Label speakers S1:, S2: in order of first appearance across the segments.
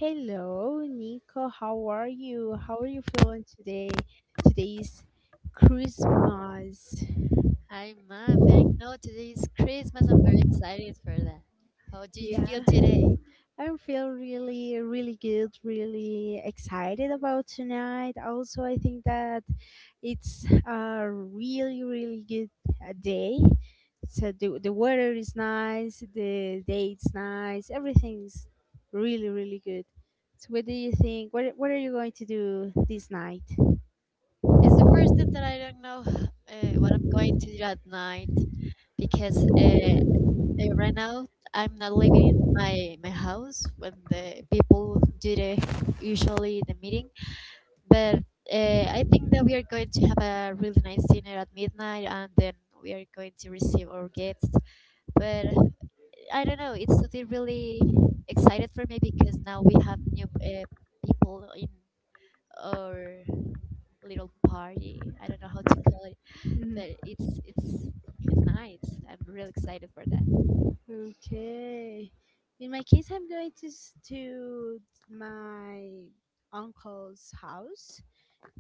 S1: Hello, Nico. How are you? How are you feeling today? Today's Christmas.
S2: Hi, Mav. I know today is Christmas. I'm very excited for that. How do you feel
S1: Yeah,
S2: today?
S1: I feel really, really good, really excited about tonight. Also, I think that it's a really, really good day. So the weather is nice, the day is nice, everything's really, really good. So, what do you think? What are you going to do this night?
S2: It's the first time that I don't know what I'm going to do at night because right now I'm not living in my house when the people do the usually the meeting. But I think that we are going to have a really nice dinner at midnight, and then we are going to receive our gifts. But I don't know. It's something really excited for me because now we have new people in our little party. I don't know how to call it, but it's nice. I'm really excited for that.
S1: Okay. In my case, I'm going to my uncle's house.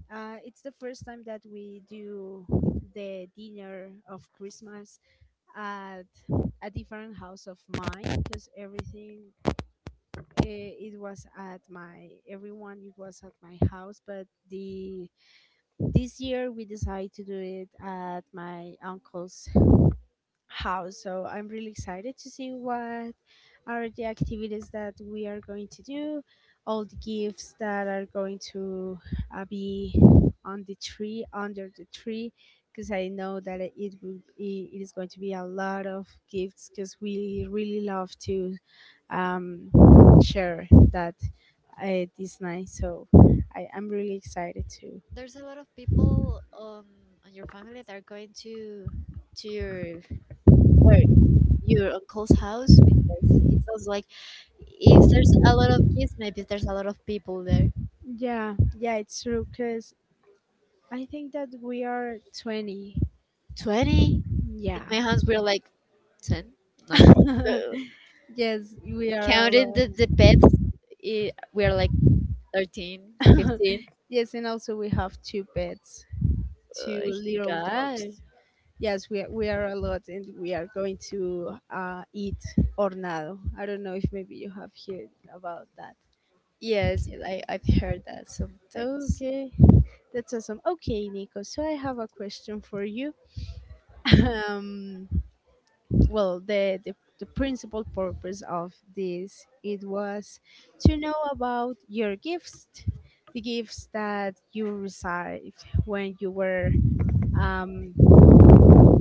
S1: It's the first time that we do the dinner of Christmas at a different house of mine because everything eh, it was at my everyone it was at my house but the this year we decided to do it at my uncle's how. So I'm really excited to see what are the activities that we are going to do, all the gifts that are going to be on the tree, under the tree, because I know that it will be, it is going to be a lot of gifts because we really love to um, share that this night. So I'm really excited too.
S2: There's a lot of people on your family that are going to your work, your uncle's house, because it sounds like if there's a lot of kids, maybe there's a lot of people there.
S1: Yeah, yeah, it's true because I think that we are 20.
S2: 20
S1: Yeah,
S2: in my house. We're like ten, nine.
S1: yes, we are a
S2: Counting
S1: lot.
S2: the pets, I we're like 13, 15. 15.
S1: Yes, and also we have two pets, two
S2: Oh
S1: little dogs.
S2: god.
S1: Yes, we are a lot, and we are going to eat hornado. I don't know if maybe you have heard about that.
S2: Yes, I've heard that sometimes.
S1: Okay, that's awesome. Okay, Nico. So I have a question for you. Um, well the principal purpose of this it was to know about your gifts, the gifts that you received when you were um,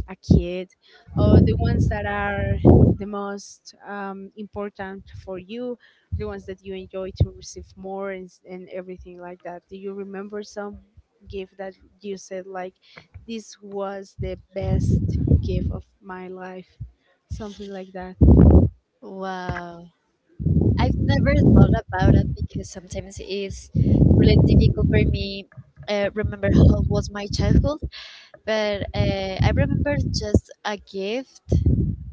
S1: a kid, or the ones that are the most important for you, the ones that you enjoy to receive more and everything like that. Do you remember some gift that you said like this was the best gift of my life, something like that?
S2: Wow, I've never thought about it because sometimes it's really difficult for me, remember how was my childhood. But I remember just a gift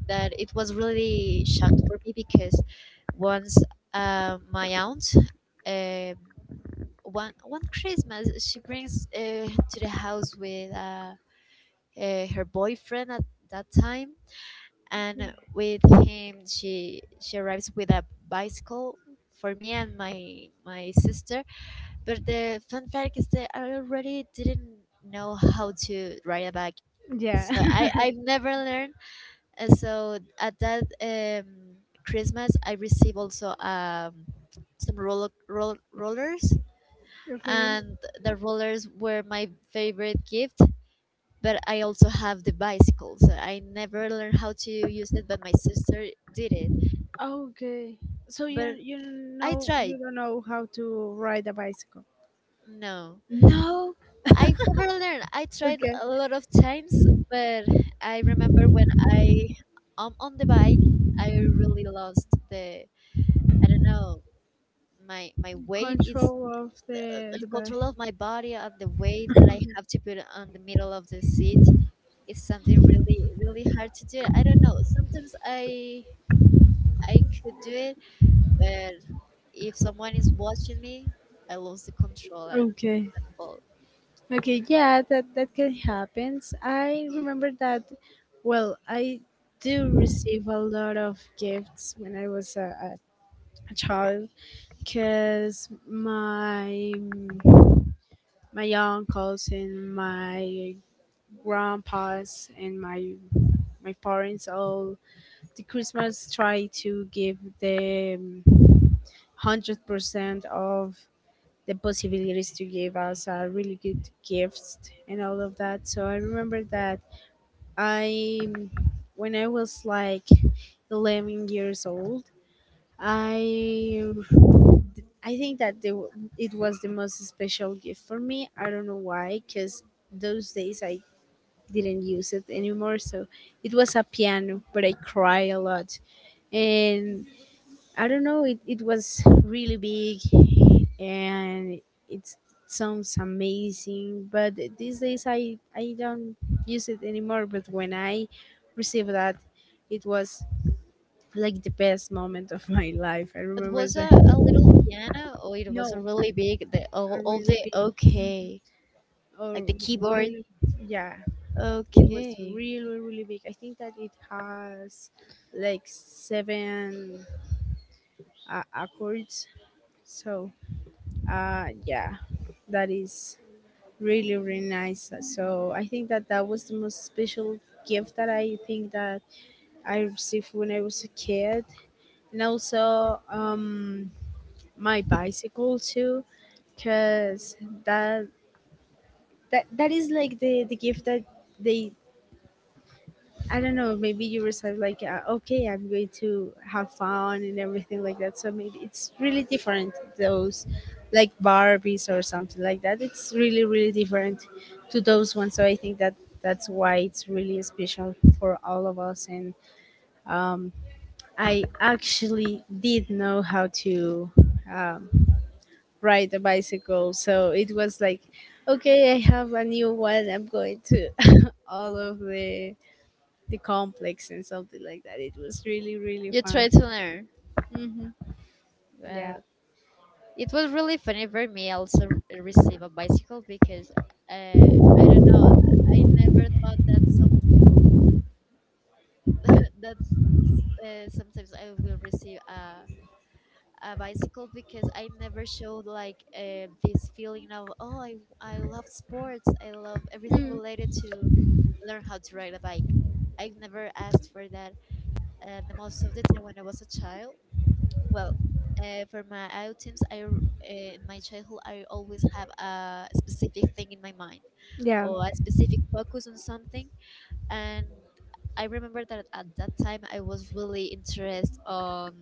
S2: that it was really shocked for me because once, my aunt, um, one Christmas, she brings to the house with her boyfriend at that time, and with him she arrives with a bicycle for me and my sister. But the fun fact is that I already didn't know how to ride a bike,
S1: Yeah.
S2: so I've never learned. And so at that Christmas I received also some rollers,
S1: Okay.
S2: and the rollers were my favorite gift, but I also have the bicycles. I never learned how to use it, but my sister did it.
S1: Okay, so you
S2: But
S1: you
S2: I
S1: know
S2: tried.
S1: you don't know how to ride a bicycle.
S2: No,
S1: No.
S2: I never learned. I tried
S1: Okay.
S2: a lot of times, but I remember when I am on the bike, I really lost the, I don't know, my weight is
S1: Control of
S2: the,
S1: the
S2: the
S1: the
S2: control
S1: bike.
S2: of my body, and the weight that I have to put on the middle of the seat, it's something really really hard to do. I don't know, sometimes I could do it, but if someone is watching me, I lose the control, and,
S1: Okay.
S2: and fall.
S1: Okay, yeah, that that can happen. I remember that. Well, I do receive a lot of gifts when I was a child because my uncles and my grandpas and my parents all the Christmas try to give them 100% of the possibilities to give us really good gifts and all of that. So I remember that I, when I was like 11 years old, I I think that it was the most special gift for me. I don't know why, because those days I didn't use it anymore. So it was a piano, but I cry a lot. And I don't know. It was really big, and it sounds amazing. But these days, I don't use it anymore. But when I received that, it was like the best moment of my life. I
S2: It
S1: remember
S2: was
S1: that.
S2: a little piano, or it was a
S1: No,
S2: really big the
S1: a
S2: all
S1: really
S2: the
S1: big. Mhm.
S2: okay,
S1: Or
S2: like the keyboard.
S1: really, yeah, it was
S2: Okay.
S1: really really big. I think that it has like seven accords. So, yeah, that is really really nice. So I think that that was the most special gift that I think that I received when I was a kid, and also my bicycle too because that that is like the gift that they, I don't know, maybe you receive like, okay, I'm going to have fun and everything like that. So maybe it's really different, those like Barbies or something like that. It's really, really different to those ones. So I think that that's why it's really special for all of us. And um, I actually did know how to um, ride a bicycle. So it was like, okay, I have a new one. I'm going to all of the complex and something like that. It was really really
S2: You
S1: fun.
S2: try to learn.
S1: Hmm. Yeah.
S2: uh, it was really funny for me also receive a bicycle because, I don't know, I never thought that someone that sometimes I will receive a bicycle, because I never showed like this feeling of oh I love sports, I love everything
S1: Mm,
S2: related to learn how to ride a bike. I've never asked for that. The most of the time when I was a child, well, for my outings, in my childhood I always have a specific thing in my mind,
S1: yeah.
S2: or a specific focus on something, and I remember that at that time I was really interested on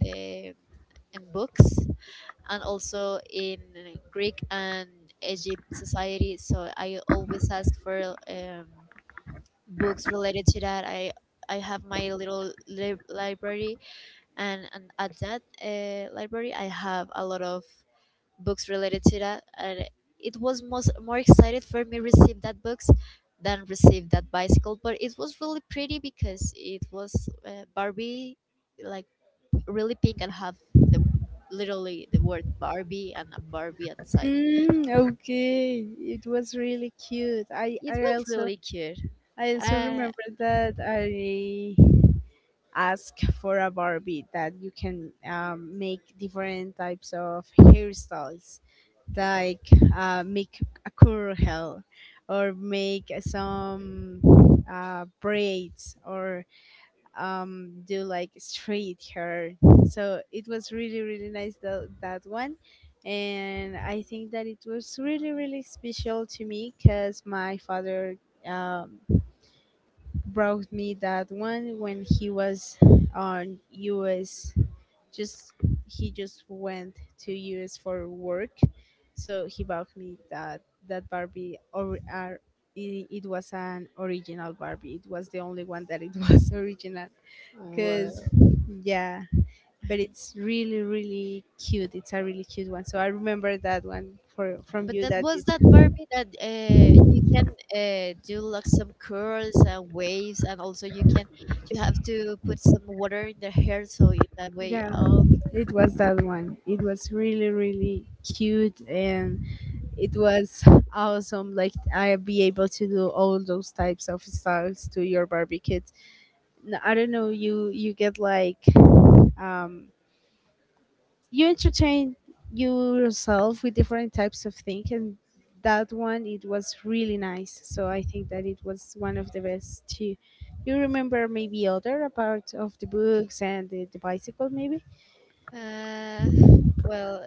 S2: the, in books, and also in Greek and Egypt society. So I always ask for books related to that. I have my little library, and at that library I have a lot of books related to that, and it was most more excited for me receive that books than receive that bicycle. But it was really pretty because it was barbie, like really pink, and have the, literally the word barbie and a barbie outside.
S1: Mm, okay. It was really cute.
S2: It was really cute.
S1: I also
S2: uh,
S1: remember that I asked for a Barbie that you can make different types of hairstyles, like make a curl hair, or make some braids, or do like straight hair. So it was really really nice tho- that one. And I think that it was really really special to me because my father um, brought me that one when he was on us, just he just went to us for work. So he bought me that, that barbie or it was an original barbie, it was the only one that it was original. Cause
S2: Wow.
S1: yeah, but it's really really cute. It's a really cute one. So I remember that one for from
S2: But
S1: you
S2: that
S1: that
S2: was
S1: it,
S2: that Barbie that you can do like some curls and waves, and also you can, you have to put some water in the hair so it- that way.
S1: yeah,
S2: Oh.
S1: it was that one. It was really really cute, and it was awesome like I be able to do all those types of styles to your barbie kids. N- I don't know you get like um you entertain yourself with different types of things. And that one it was really nice, so I think that it was one of the best too. You remember maybe other about of the books and the bicycle maybe?
S2: Uh, well,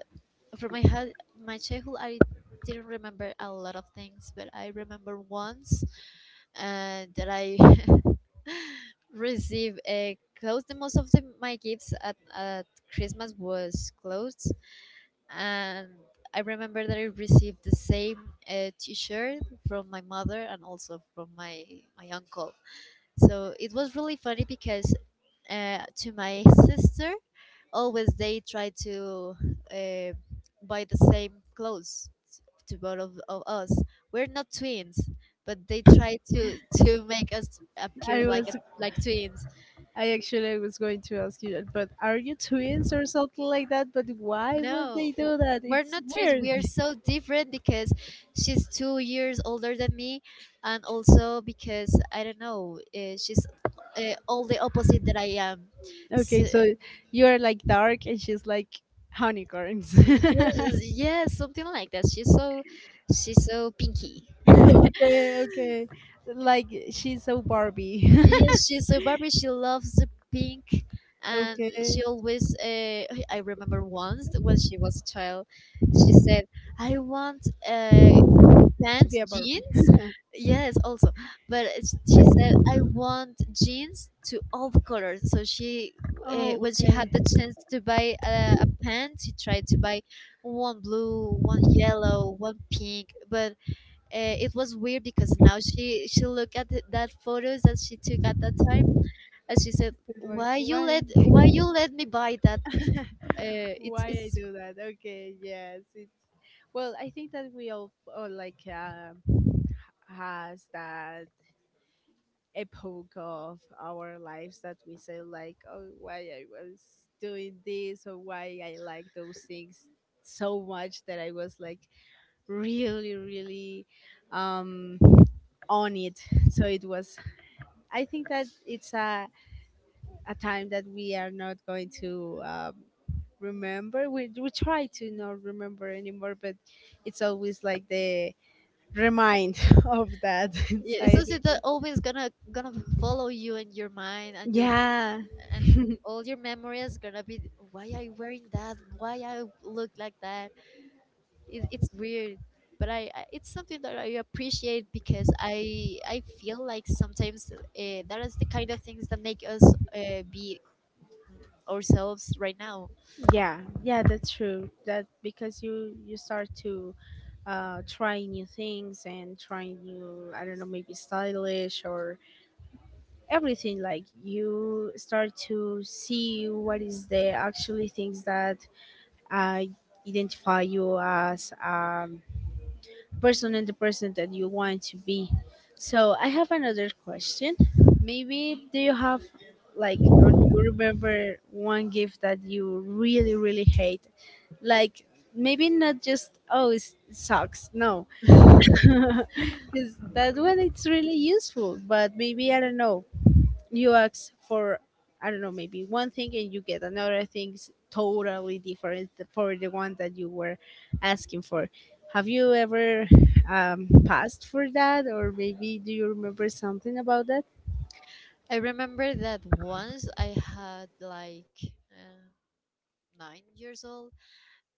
S2: from my head, my childhood, I didn't remember a lot of things, but I remember once that I received a clothes. The most of the, my gifts at Christmas was clothes, and I remember that I received the same T-shirt from my mother and also from my my uncle. So it was really funny because, to my sister, always they try to, uh, buy the same clothes to both of us. We're not twins, but they try to make us appear
S1: I
S2: like a,
S1: was,
S2: like twins.
S1: I actually was going to ask you that, but are you twins or something like that, but why would
S2: No,
S1: they do that,
S2: we're
S1: it's
S2: not twins.
S1: weird.
S2: We are so different because she's 2 years older than me, and also because I don't know, she's, all the opposite that I am. So,
S1: Okay, so you are like dark and she's like honeycorns.
S2: yes, yes, something like that. She's so, she's so pinky.
S1: Okay, okay. Like she's so Barbie.
S2: Yes, she's a Barbie. She loves the pink, and she
S1: Okay,
S2: always. I remember once when she was a child, she said, "I want. Uh,
S1: to
S2: pants,
S1: be a Barbie.
S2: jeans." Yes, also. But it's- she said, "I want jeans to all the colors." So she,
S1: Oh,
S2: when she
S1: okay.
S2: had the chance to buy a pant, she tried to buy one blue, one yellow, one pink. But it was weird because now she look at that photos that she took at that time, and she said,
S1: It's like
S2: "Why you
S1: why?
S2: let, why you let me buy that? It's
S1: Why I
S2: it's."
S1: do that? Okay, yes. It's well. I think that we all like has that epoch of our lives that we say like, oh, why I was doing this, or why I like those things so much that I was like really really um on it. So it was, I think that it's a time that we are not going to remember, we try to not remember anymore, but it's always like the remind of that. So
S2: Yeah, it's
S1: I think.
S2: something that always gonna follow you, and your mind, and your,
S1: Yeah.
S2: and all your memories gonna be, why are you wearing that, why I look like that. It's weird, but I, it's something that I appreciate because I feel like sometimes that is the kind of things that make us be, ourselves right now.
S1: Yeah, yeah, that's true that, because you start to try new things and try new, I don't know, maybe stylish or everything like you start to see what is the actually things that uh, identify you as a person, and the person that you want to be. So I have another question, maybe do you have like, or do you remember one gift that you really really hate, like maybe not just oh it sucks no, because that one it's really useful, but maybe I don't know, you ask for, I don't know, maybe one thing and you get another thing's totally different for the one that you were asking for. Have you ever passed for that, or maybe do you remember something about that?
S2: I remember that once I had like uh, 9 years old.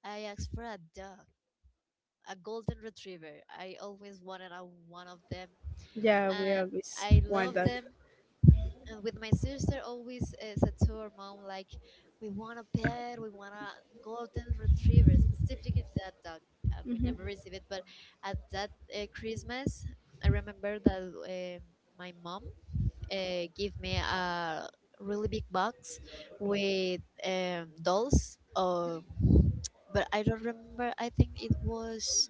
S2: I asked for a dog, a golden retriever. I always wanted a, one of them,
S1: Yeah, we
S2: and
S1: always
S2: I
S1: want
S2: love
S1: that.
S2: them. And with my sister, always said to her mom, like, we want a pet, we want a golden retriever, specifically that dog. And we never
S1: Hmm.
S2: received it. But at that Christmas, I remember that my mom gave me a really big box with dolls. But I don't remember. I think it was,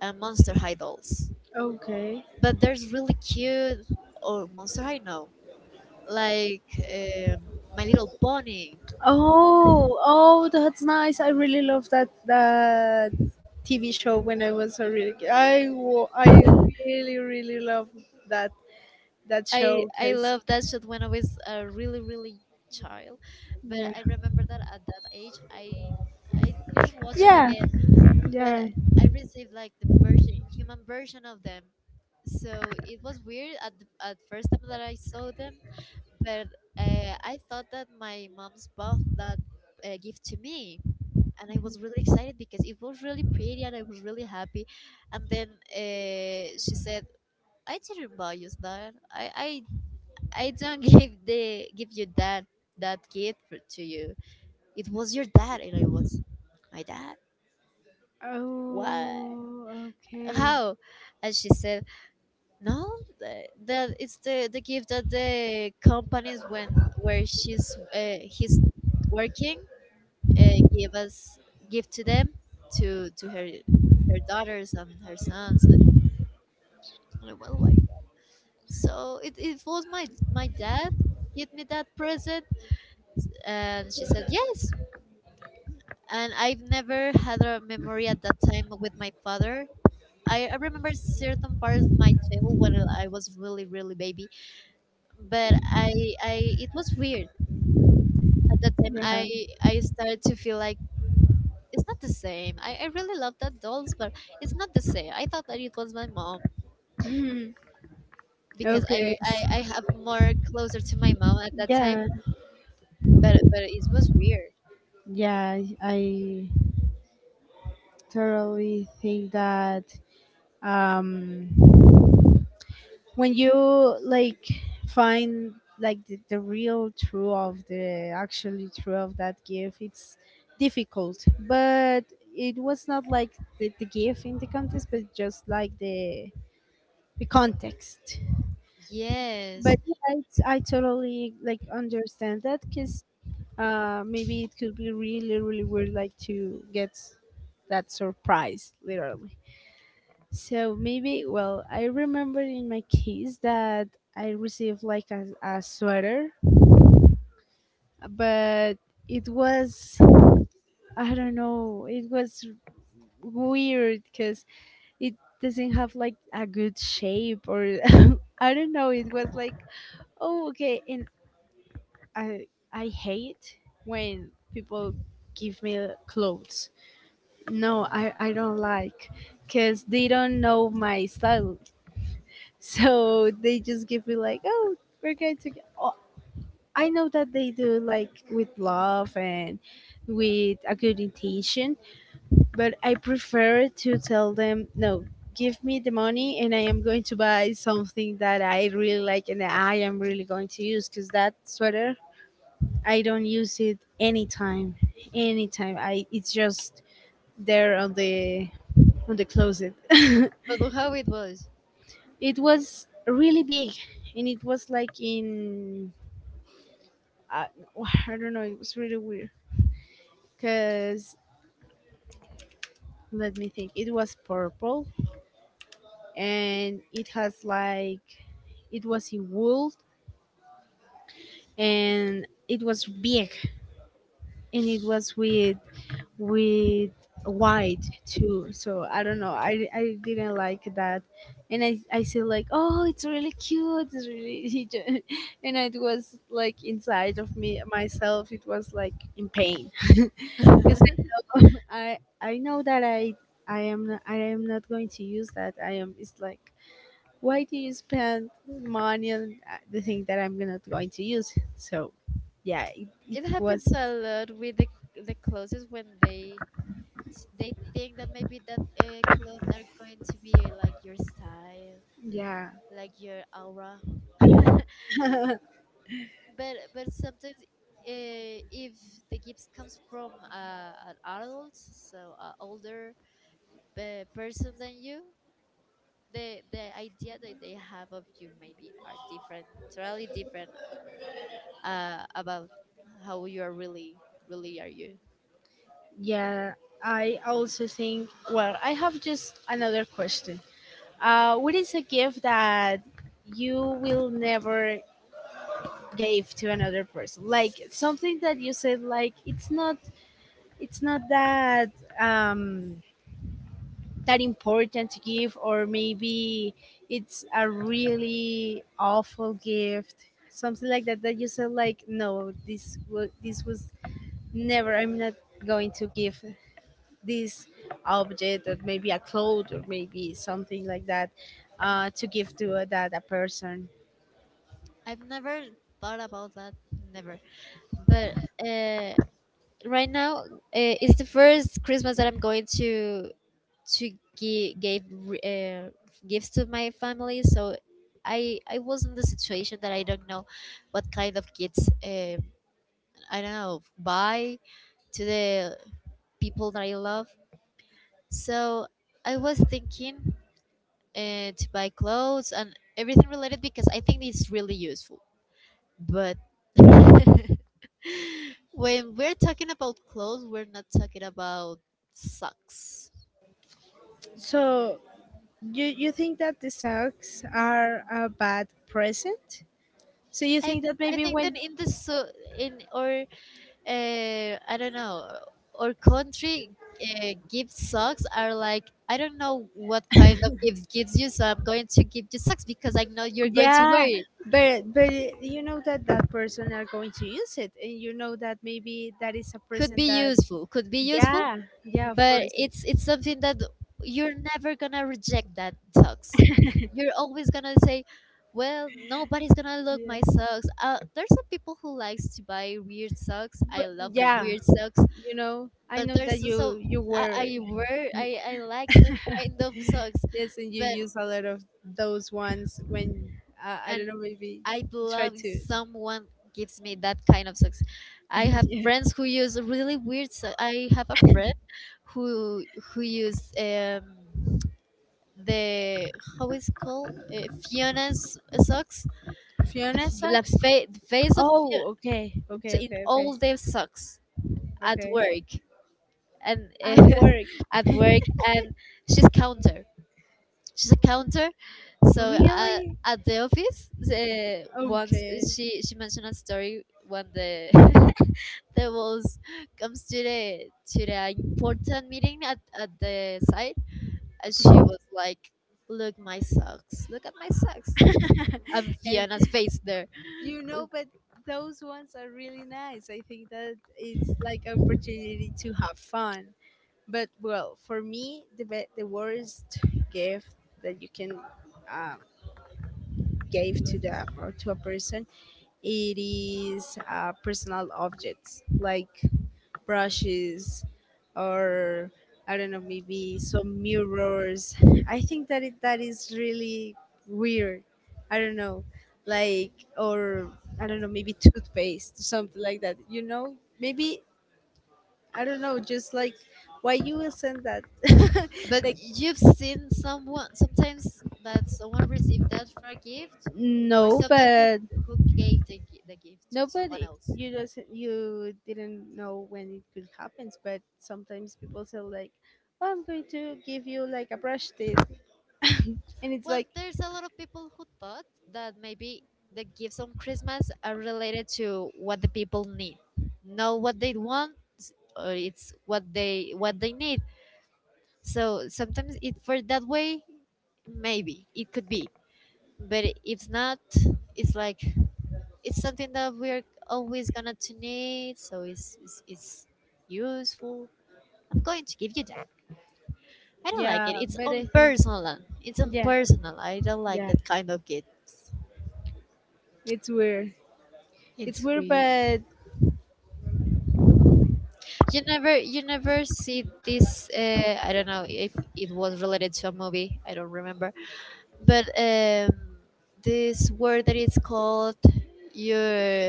S2: and Monster High dolls.
S1: Okay.
S2: But there's really cute, or Monster High, no, like, um, My Little Pony.
S1: Oh, oh, that's nice. I really love that that TV show when I was a really kid. I really really love that that show
S2: I
S1: because
S2: love that shit when I was a really really child, but I
S1: yeah.
S2: remember that at that age I didn't watch it
S1: Yeah,
S2: again, but
S1: Yeah.
S2: I received like the version, human version of them. So it was weird at the, at first time that I saw them. But I thought that my mom's bought that gift to me, and I was really excited because it was really pretty and I was really happy. And then she said, "I didn't buy you that. I don't give the give you that that gift for, to you. It was your dad." And I was, "My dad? What?
S1: Oh, okay.
S2: How?" And she said, "No, that it's the gift that the companies when where she's he's." Working, give us, give to them, to her, her daughters and her sons. It- Well, like so, it was my my dad give me that present, and she said yes. And I've never had a memory at that time with my father. I remember certain parts of my childhood when I was really really baby, but I, it was weird at that time.
S1: Yeah.
S2: I started to feel like, it's not the same. I really love that dolls, but it's not the same. I thought that it was my mom,
S1: Mhm.
S2: because
S1: Okay.
S2: I have more closer to my mom at that time,
S1: Yeah.
S2: but it was weird.
S1: Yeah. I totally think that um, when you like find like the real true of the actually true of that gift, it's difficult. But it was not like the gift in the context, but just like the context.
S2: Yes,
S1: But yeah, it's, I totally like understand that because maybe it could be really, really weird like to get that surprise literally. So maybe, well, I remember in my case that I received like a sweater, but it was, I don't know, it was weird because it doesn't have like a good shape or I don't know. It was like oh okay, and I I hate when people give me clothes. No, I don't like because they don't know my style. So they just give me like, oh, we're going to. Oh, I know that they do like with love and with a good intention, but I prefer to tell them no. Give me the money, and I am going to buy something that I really like and I am really going to use because that sweater I don't use it anytime. Anytime. I It's just there on the closet.
S2: but look how it was.
S1: It was really big and it was like in uh, I don't know, it was really weird cuz let me think. It was purple and it has like it was in wool and it was big and it was with with white too, so I didn't like that. And I said like, oh, it's really cute, it's really and it was like inside of me myself it was like in pain.
S2: It
S1: I know that I am not, I am not going to use that. I am, it's like, why do you spend money on the thing that I'm not going to use. So yeah, it was.
S2: happens a lot with the clothes when they think that maybe that clothes are going to be like your style,
S1: Yeah.
S2: like your aura. But sometimes, if the gift comes from an adult, so an older person than you, the idea that they have of you maybe are different, totally different, about how you are really, really are you.
S1: Yeah, I also think, well, I have just another question. What is a gift that you will never give to another person? Like something that you said, like it's not that um, that important to give, or maybe it's a really awful gift, something like that. That you said, like, no, this was never. I'm not going to give this object or maybe a cloth or maybe something like that to give to that a person.
S2: I've never thought about that, never. But uh, right now, it's the first Christmas that I'm going to give gifts to my family. So I was in the situation that I don't know what kind of gifts, I don't know buy to the people that I love. So I was thinking to buy clothes and everything related because I think it's really useful. But when we're talking about clothes, we're not talking about socks.
S1: So you think that the socks are a bad present? So you
S2: I
S1: think that
S2: I
S1: maybe
S2: think that
S1: when...
S2: in the so, in or I don't know or country, gift socks are like, I don't know what kind of gift gives you, so I'm going to give you socks because I know you're going to wear
S1: Yeah,
S2: it.
S1: but you know that that person are going to use it, and you know that maybe that is a
S2: Could be
S1: person that...
S2: useful. Could be useful.
S1: Yeah. Yeah, of
S2: But
S1: course.
S2: it's something that you're never gonna reject that socks. You're always gonna say, well, nobody's gonna look my
S1: Yes.
S2: socks. There's some people who likes to buy weird socks. I
S1: But
S2: love the
S1: yeah,
S2: weird socks.
S1: you know, I
S2: But
S1: know
S2: there's
S1: that you
S2: also
S1: you
S2: i,
S1: were...
S2: I wear I, I like that kind of socks.
S1: Yes, and you
S2: but
S1: use a lot of those ones when, I
S2: and
S1: don't know, maybe
S2: I'd
S1: try
S2: love if
S1: to.
S2: someone gives me that kind of socks. I have
S1: Yeah.
S2: friends who use really weird I have a friend who who use the, how is called, Fiona's socks,
S1: Fiona sucks.
S2: the face of
S1: Oh,
S2: Fiona
S1: okay, okay,
S2: in
S1: okay, okay,
S2: all the socks at
S1: okay.
S2: work. And
S1: At work.
S2: at work, and she's counter. She's a counter. So
S1: Really?
S2: at the office, once
S1: Okay.
S2: she mentioned a story when the the boss comes to the important meeting at the site, and she was like, "Look my socks! Look at my socks!" And
S1: And
S2: Fiona's face there.
S1: you know, but those ones are really nice. I think that it's like an opportunity to have fun. But well, for me, the be- the worst gift that you can, um, gave to the, or to a person, it is personal objects like brushes, or I don't know, maybe some mirrors. I think that that is really weird. I don't know, like, or I don't know, maybe toothpaste, something like that, you know. Maybe I don't know, just like why you will send that.
S2: But
S1: Like,
S2: you've seen someone, sometimes that someone received that for a gift, or
S1: no,
S2: someone
S1: but...
S2: who gave the the gift to someone
S1: Nobody,
S2: else.
S1: you just, you didn't know when it could happen. But sometimes people say like, "Oh, I'm going to give you like a brush tip," and it's
S2: Well,
S1: like,
S2: there's a lot of people who thought that maybe the gifts on Christmas are related to what the people need, not what they want, or it's what they need. So sometimes it for that way, maybe it could be, but if not, it's like it's something that we're always gonna to need, so it's useful. I'm going to give you that. I don't like
S1: yeah,
S2: it, it's
S1: but I think,
S2: unpersonal. It's
S1: yeah,
S2: unpersonal, I don't like
S1: yeah,
S2: that kind of gift.
S1: it's weird. It's
S2: It's
S1: weird,
S2: free.
S1: but...
S2: You never see this. I don't know if it was related to a movie, I don't remember, but this word that it's called your,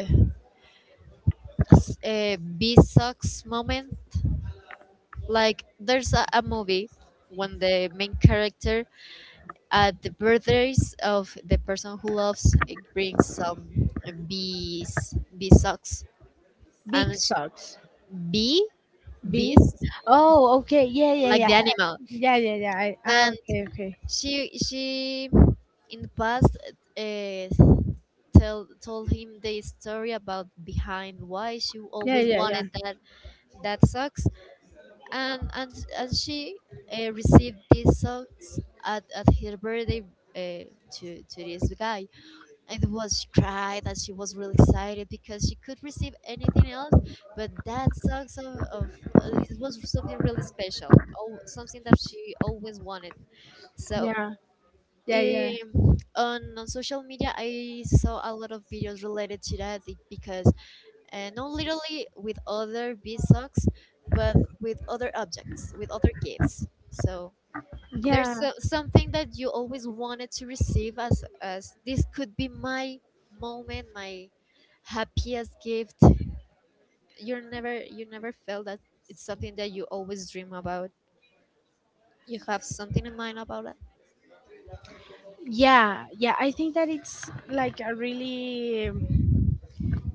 S2: b sucks moment, like there's a movie when the main character at the birthdays of the person who loves it brings some bees bee socks.
S1: Big
S2: and sh-
S1: socks.
S2: Bee,
S1: B.
S2: bees,
S1: Oh, okay. Yeah, yeah,
S2: like the
S1: yeah,
S2: animal.
S1: yeah, yeah, yeah. I, oh,
S2: And
S1: okay, okay.
S2: she, in the past, uh, tell told him the story about behind why she
S1: Yeah,
S2: always
S1: yeah, yeah,
S2: wanted that that socks. And and and she received these socks at her birthday, uh, to this guy. It was, she cried, that she was really excited because she could receive anything else, but that song of, it was something really special, oh, something that she always wanted. So
S1: yeah, yeah, yeah,
S2: on social media I saw a lot of videos related to that because not literally with other bead socks, but with other objects, with other gifts. So there's
S1: yeah,
S2: so, something that you always wanted to receive, as this could be my moment, my happiest gift. You never felt that, it's something that you always dream about, you have something in mind about that.
S1: yeah, yeah. I think that it's like a really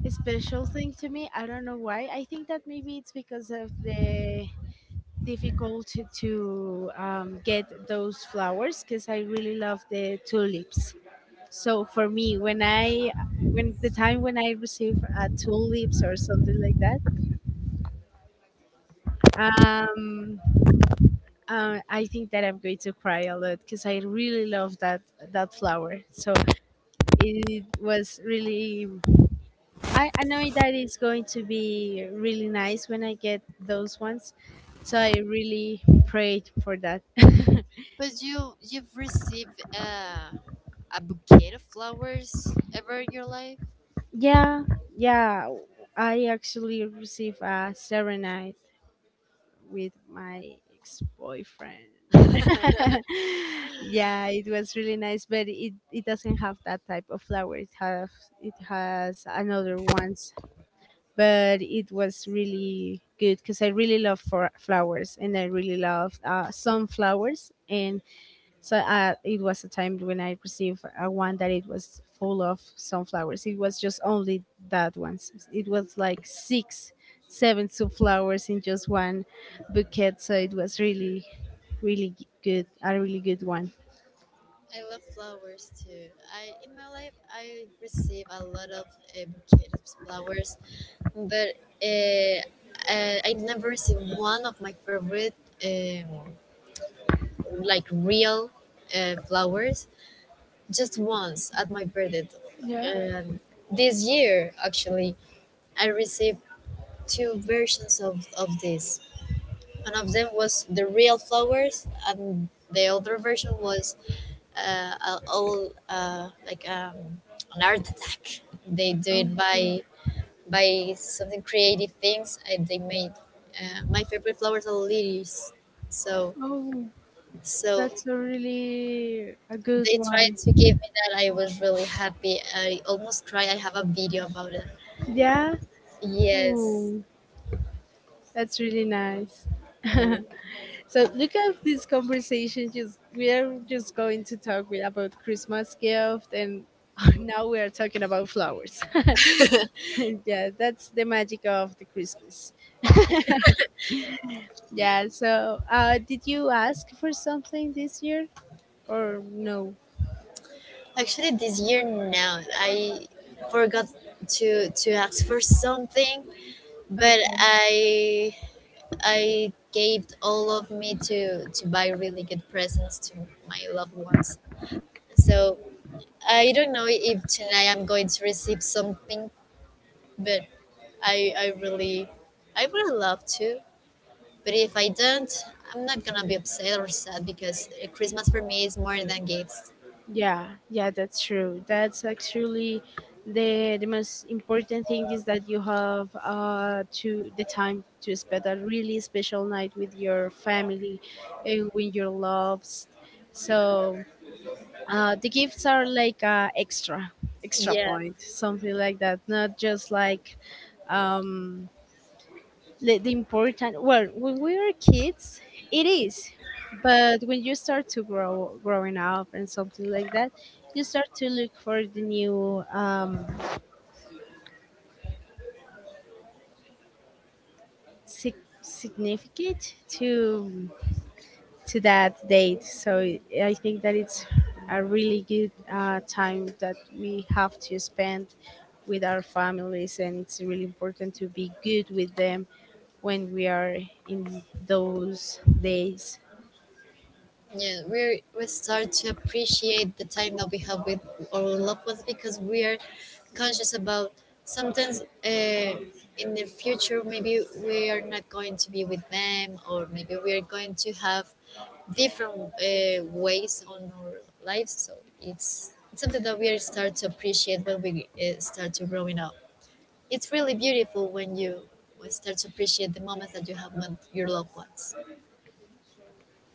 S1: special thing to me. I don't know why. I think that maybe it's because of the difficulty to get those flowers, because I really love the tulips. So for me, when I, when the time when I receive tulips or something like that, um, I think that I'm going to cry a lot because I really love that that flower. So it was really, I know that it's going to be really nice when I get those ones. So I really prayed for that.
S2: But you you've received a bouquet of flowers ever in your life?
S1: Yeah, yeah. I actually received a serenade with my ex boyfriend. Yeah, it was really nice, but it doesn't have that type of flower. It have, it has another ones, but it was really good because I really love for flowers and I really love sunflowers. And so it was a time when I received one that it was full of sunflowers. It was just only that ones. It was like six, seven sunflowers in just one bouquet. So it was really, really g- good, a really good one.
S2: I love flowers too. I in my life I receive a lot of bouquets of flowers, but uh, I never received one of my favorite um, like real flowers, just once at my birthday.
S1: Yeah.
S2: And this year, actually, I received two versions of this. One of them was the real flowers, and the other version was all like an art attack. They do it
S1: Okay.
S2: by something creative things I they made. My favorite flowers are lilies, so
S1: Oh,
S2: so
S1: that's a really a good
S2: they tried
S1: one.
S2: to give me that. I was really happy. I almost cried. I have a video about it.
S1: Yeah.
S2: Yes.
S1: Oh. That's really nice. So look at this conversation. Just we are just going to talk with, about Christmas gift, and now we are talking about flowers.
S2: Mm.
S1: Yeah, that's the magic of the Christmas. Yeah. So, did you ask for something this year or no?
S2: Actually, this year no, I forgot to to ask for something, but I gave all of me to buy really good presents to my loved ones. So I don't know if tonight I'm going to receive something, but I really, I would love to, but if I don't, I'm not gonna be upset or sad because Christmas for me is more than gifts.
S1: Yeah, yeah, that's true. That's actually the most important thing is that you have to the time to spend a really special night with your family and with your loves. So the gifts are like extra, extra
S2: Yeah,
S1: point, something like that. Not just like um the important, well, when we were kids it is, but when you start to grow growing up and something like that, you start to look for the new sig- significant to that date. So I think that it's a really good time that we have to spend with our families, and it's really important to be good with them when we are in those days.
S2: yeah, we start to appreciate the time that we have with our loved ones because we are conscious about sometimes, in the future maybe we are not going to be with them, or maybe we are going to have different ways on our lives. So it's something that we start to appreciate when we start to growing up. It's really beautiful when you start to appreciate the moments that you have with your loved ones.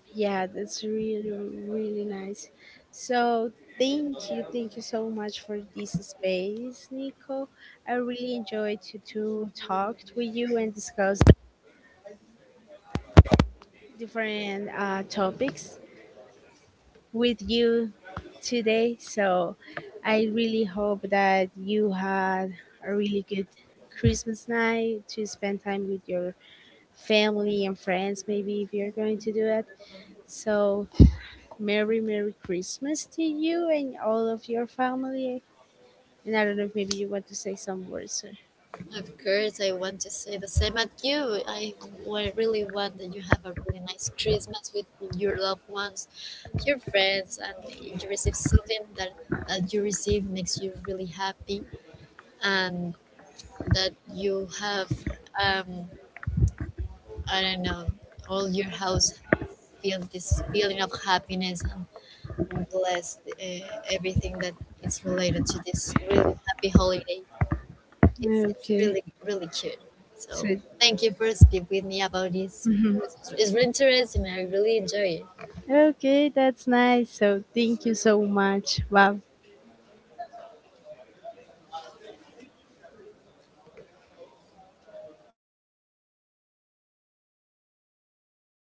S1: Yeah, that's really, really nice. So thank you so much for this space, Nico. I really enjoyed to talk with you and discuss different topics with you today. So I really hope that you had a really good Christmas night to spend time with your family and friends, maybe if you're going to do it. So Merry, Merry Christmas to you and all of your family. And I don't know if maybe you want to say some words.
S2: Of course, I want to say the same at you. I, I really want that you have a really nice Christmas with your loved ones, your friends, and if you receive something that, that you receive makes you really happy, and that you have um, I don't know, all your house feel this feeling of happiness and blessed, everything that is related to this really happy holiday. It's,
S1: Or...
S2: it's
S1: Okay.
S2: really, really cute. So
S1: So,
S2: thank you for speaking with me about this. Because it's really interesting. I really enjoy it.
S1: okay, that's nice. So thank you so much. Wow.